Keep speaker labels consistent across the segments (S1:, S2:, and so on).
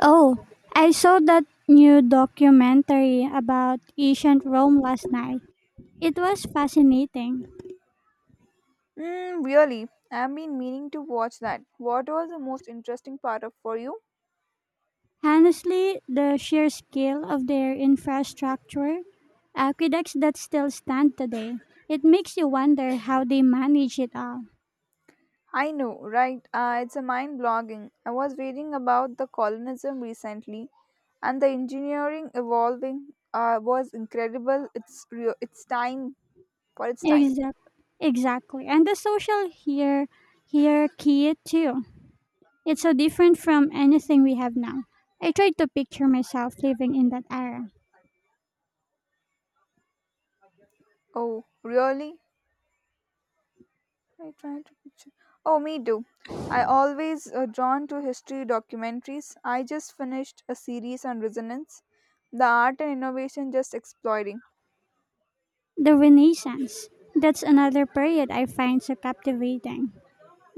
S1: Oh, I saw that new documentary about ancient Rome last night. It was fascinating.
S2: Mm, really, I've been meaning to watch that. What was the most interesting part of for you?
S1: Honestly, the sheer scale of their infrastructure, aqueducts that still stand today, it makes you wonder how they manage it all.
S2: I know, right? It's a mind blogging. I was reading about the colonism recently, and the engineering evolving was incredible. It's real. It's time for its time.
S1: Exact, exactly. And the social hierarchy, too. It's so different from anything we have now. I tried to picture myself living in that era.
S2: Oh, really? I try to picture. Oh, me too. I always drawn to history documentaries. I just finished a series on resonance, the art and innovation just exploiting.
S1: The Renaissance. That's another period I find so captivating.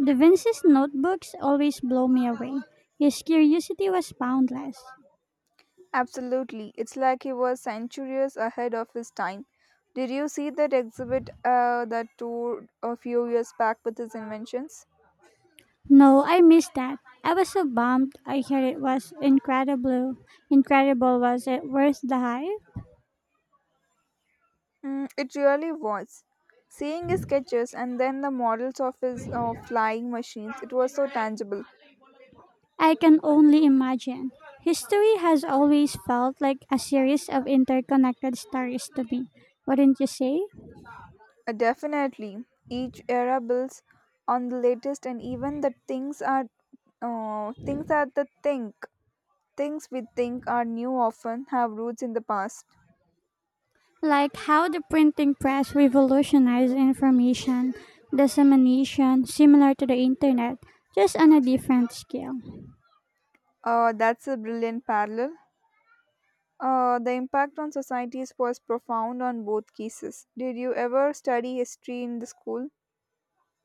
S1: Da Vinci's notebooks always blow me away. His curiosity was boundless.
S2: Absolutely. It's like he was centuries ahead of his time. Did you see that exhibit that toured a few years back with his inventions?
S1: No, I missed that. I was so bummed. I heard it was incredible. Incredible was it worth the hype?
S2: Mm, it really was. Seeing his sketches and then the models of his flying machines, it was so tangible.
S1: I can only imagine. History has always felt like a series of interconnected stories to me. Wouldn't you say?
S2: Definitely, each era builds on the latest, and even the things are the think things we think are new often have roots in the past.
S1: Like how the printing press revolutionized information dissemination, similar to the internet, just on a different scale.
S2: That's a brilliant parallel. The impact on societies was profound on both cases. Did you ever study history in the school?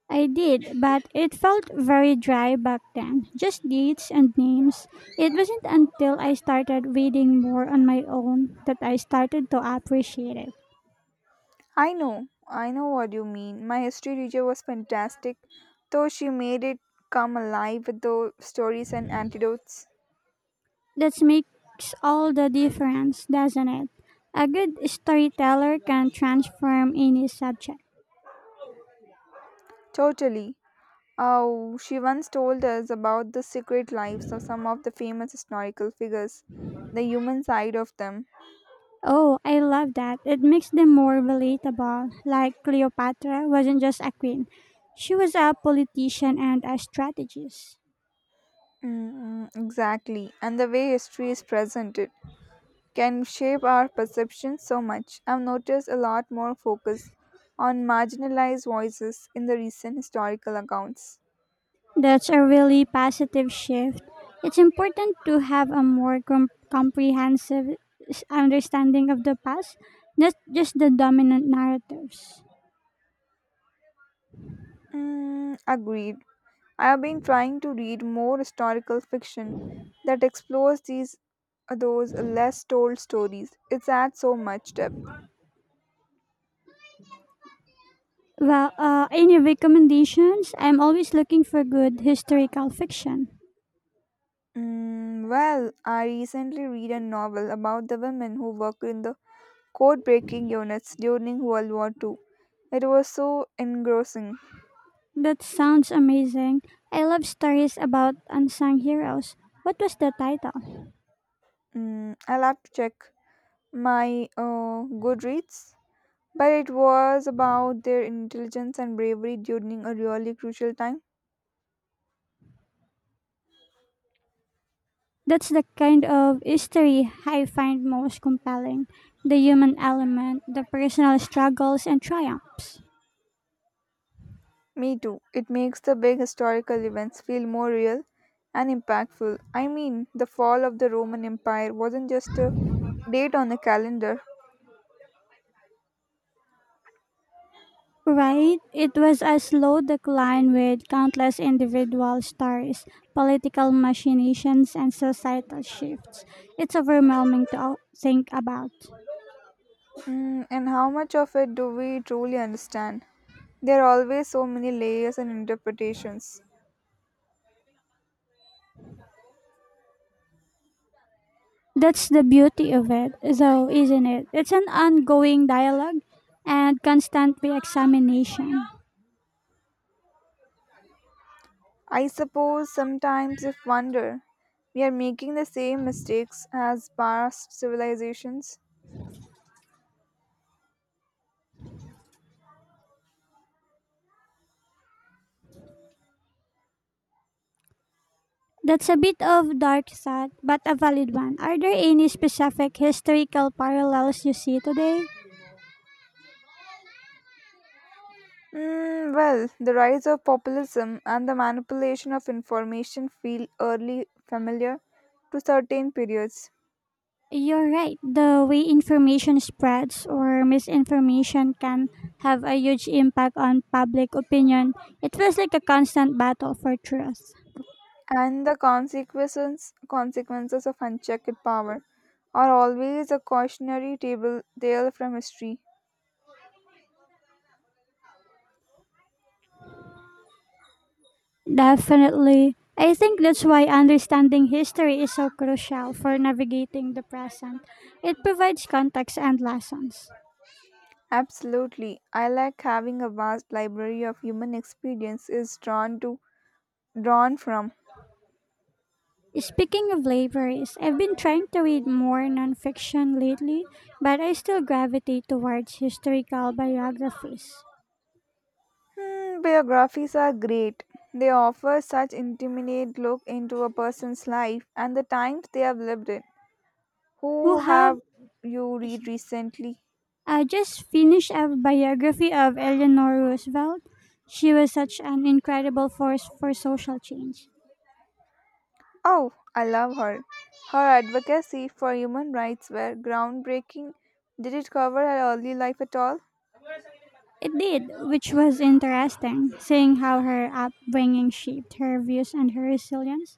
S1: I did, but it felt very dry back then, just dates and names. It wasn't until I started reading more on my own that I started to appreciate it.
S2: I know what you mean. My history teacher was fantastic, though she made it come alive with the stories and antidotes.
S1: That makes all the difference, doesn't it? A good storyteller can transform any subject.
S2: Totally. Oh, she once told us about the secret lives of some of the famous historical figures, the human side of them.
S1: Oh, I love that. It makes them more relatable. Like Cleopatra wasn't just a queen, she was a politician and a strategist.
S2: Exactly, and the way history is presented can shape our perception so much. I've noticed a lot more focus on marginalized voices in the recent historical accounts.
S1: That's a really positive shift. It's important to have a more comprehensive understanding of the past, not just the dominant narratives.
S2: Mm, agreed. I have been trying to read more historical fiction that explores these those less told stories. It adds so much depth.
S1: Well, any recommendations? I'm always looking for good historical fiction.
S2: Mm, well, I recently read a novel about the women who worked in the code breaking units during World War Two. It was so engrossing.
S1: That sounds amazing. I love stories about unsung heroes. What was the title?
S2: Mm, I'll have to check my Goodreads, but it was about their intelligence and bravery during a really crucial time.
S1: That's the kind of history I find most compelling, the human element, the personal struggles and triumphs.
S2: Me too. It makes the big historical events feel more real and impactful. I mean, the fall of the Roman Empire wasn't just a date on the calendar.
S1: Right? It was a slow decline with countless individual stories, political machinations, and societal shifts. It's overwhelming to think about.
S2: Mm, and how much of it do we truly understand? There are always so many layers and interpretations.
S1: That's the beauty of it, though, isn't it? It's an ongoing dialogue and constant re-examination.
S2: I suppose sometimes if wonder we are making the same mistakes as past civilizations.
S1: That's a bit of dark thought, but a valid one. Are there any specific historical parallels you see today?
S2: Mm, well, the rise of populism and the manipulation of information feel early familiar to certain periods,
S1: You're right. The way information spreads or misinformation can have a huge impact on public opinion. It feels like a constant battle for truth.
S2: and the consequences of unchecked power are always a cautionary table tale from history.
S1: Definitely. I think that's why understanding history is so crucial for navigating the present. It provides context and lessons.
S2: Absolutely, I like having a vast library of human experience is drawn to drawn from.
S1: Speaking of libraries, I've been trying to read more nonfiction lately, but I still gravitate towards historical biographies.
S2: Hmm, biographies are great. They offer such intimate look into a person's life and the times they have lived in.
S1: Who
S2: Who
S1: have
S2: have you
S1: I see.
S2: read recently?
S1: I just finished a biography of Eleanor Roosevelt. She was such an incredible force for social change.
S2: Oh, I love her. Her advocacy for human rights were groundbreaking. Did it cover her early life at all?
S1: It did, which was interesting, seeing how her upbringing shaped her views and her resilience.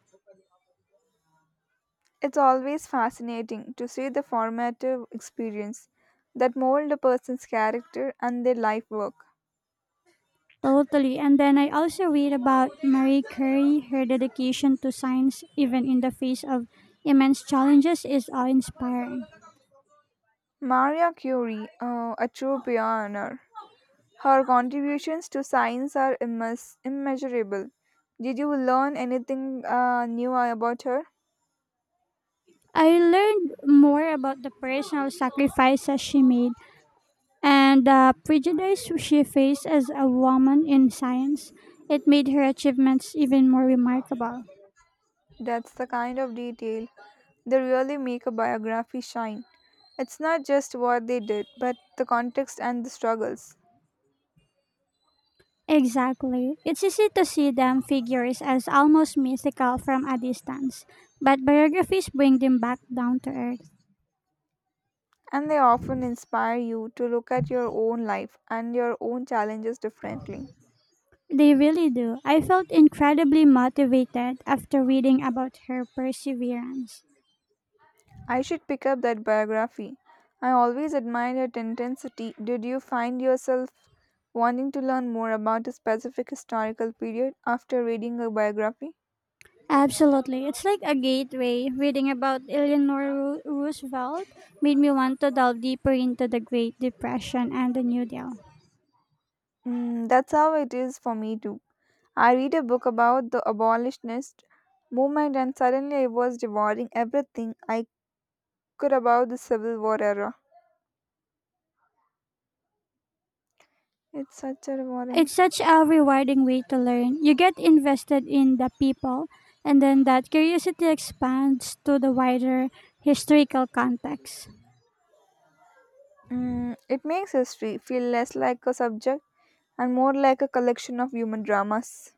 S2: It's always fascinating to see the formative experience that mold a person's character and their life work.
S1: Totally. And then I also read about Marie Curie, her dedication to science, even in the face of immense challenges, is awe inspiring.
S2: Maria Curie, a true pioneer. Her contributions to science are immeasurable. Did you learn anything new about her?
S1: I learned more about the personal sacrifices she made and the prejudice she faced as a woman in science. It made her achievements even more remarkable.
S2: That's the kind of detail they really make a biography shine. It's not just what they did, but the context and the struggles.
S1: Exactly. It's easy to see them figures as almost mythical from a distance, but biographies bring them back down to earth.
S2: And they often inspire you to look at your own life and your own challenges differently.
S1: They really do. I felt incredibly motivated after reading about her perseverance.
S2: I should pick up that biography. I always admired its intensity. Did you find yourself wanting to learn more about a specific historical period after reading a biography?
S1: Absolutely. It's like a gateway. Reading about Eleanor Roosevelt made me want to delve deeper into the Great Depression and the New Deal.
S2: Mm, that's how it is for me too. I read a book about the abolitionist movement and suddenly I was devouring everything I could about the Civil War era. It's such a rewarding.
S1: It's such a rewarding way to learn. You get invested in the people, and then that curiosity expands to the wider historical context.
S2: Mm, it makes history feel less like a subject and more like a collection of human dramas.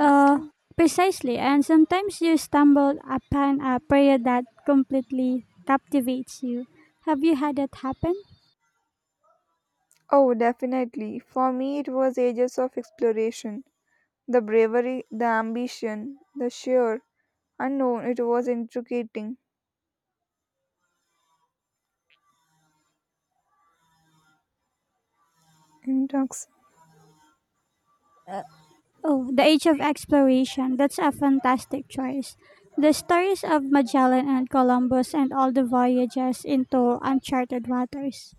S1: Uh, precisely, and sometimes you stumble upon a prayer that completely captivates you. Have you had that happen?
S2: Oh, definitely. For me, it was ages of exploration. The bravery, the ambition, the sheer unknown, it was intriguing. Intoxicating.
S1: Oh, The Age of Exploration. That's a fantastic choice. The stories of Magellan and Columbus and all the voyages into uncharted waters.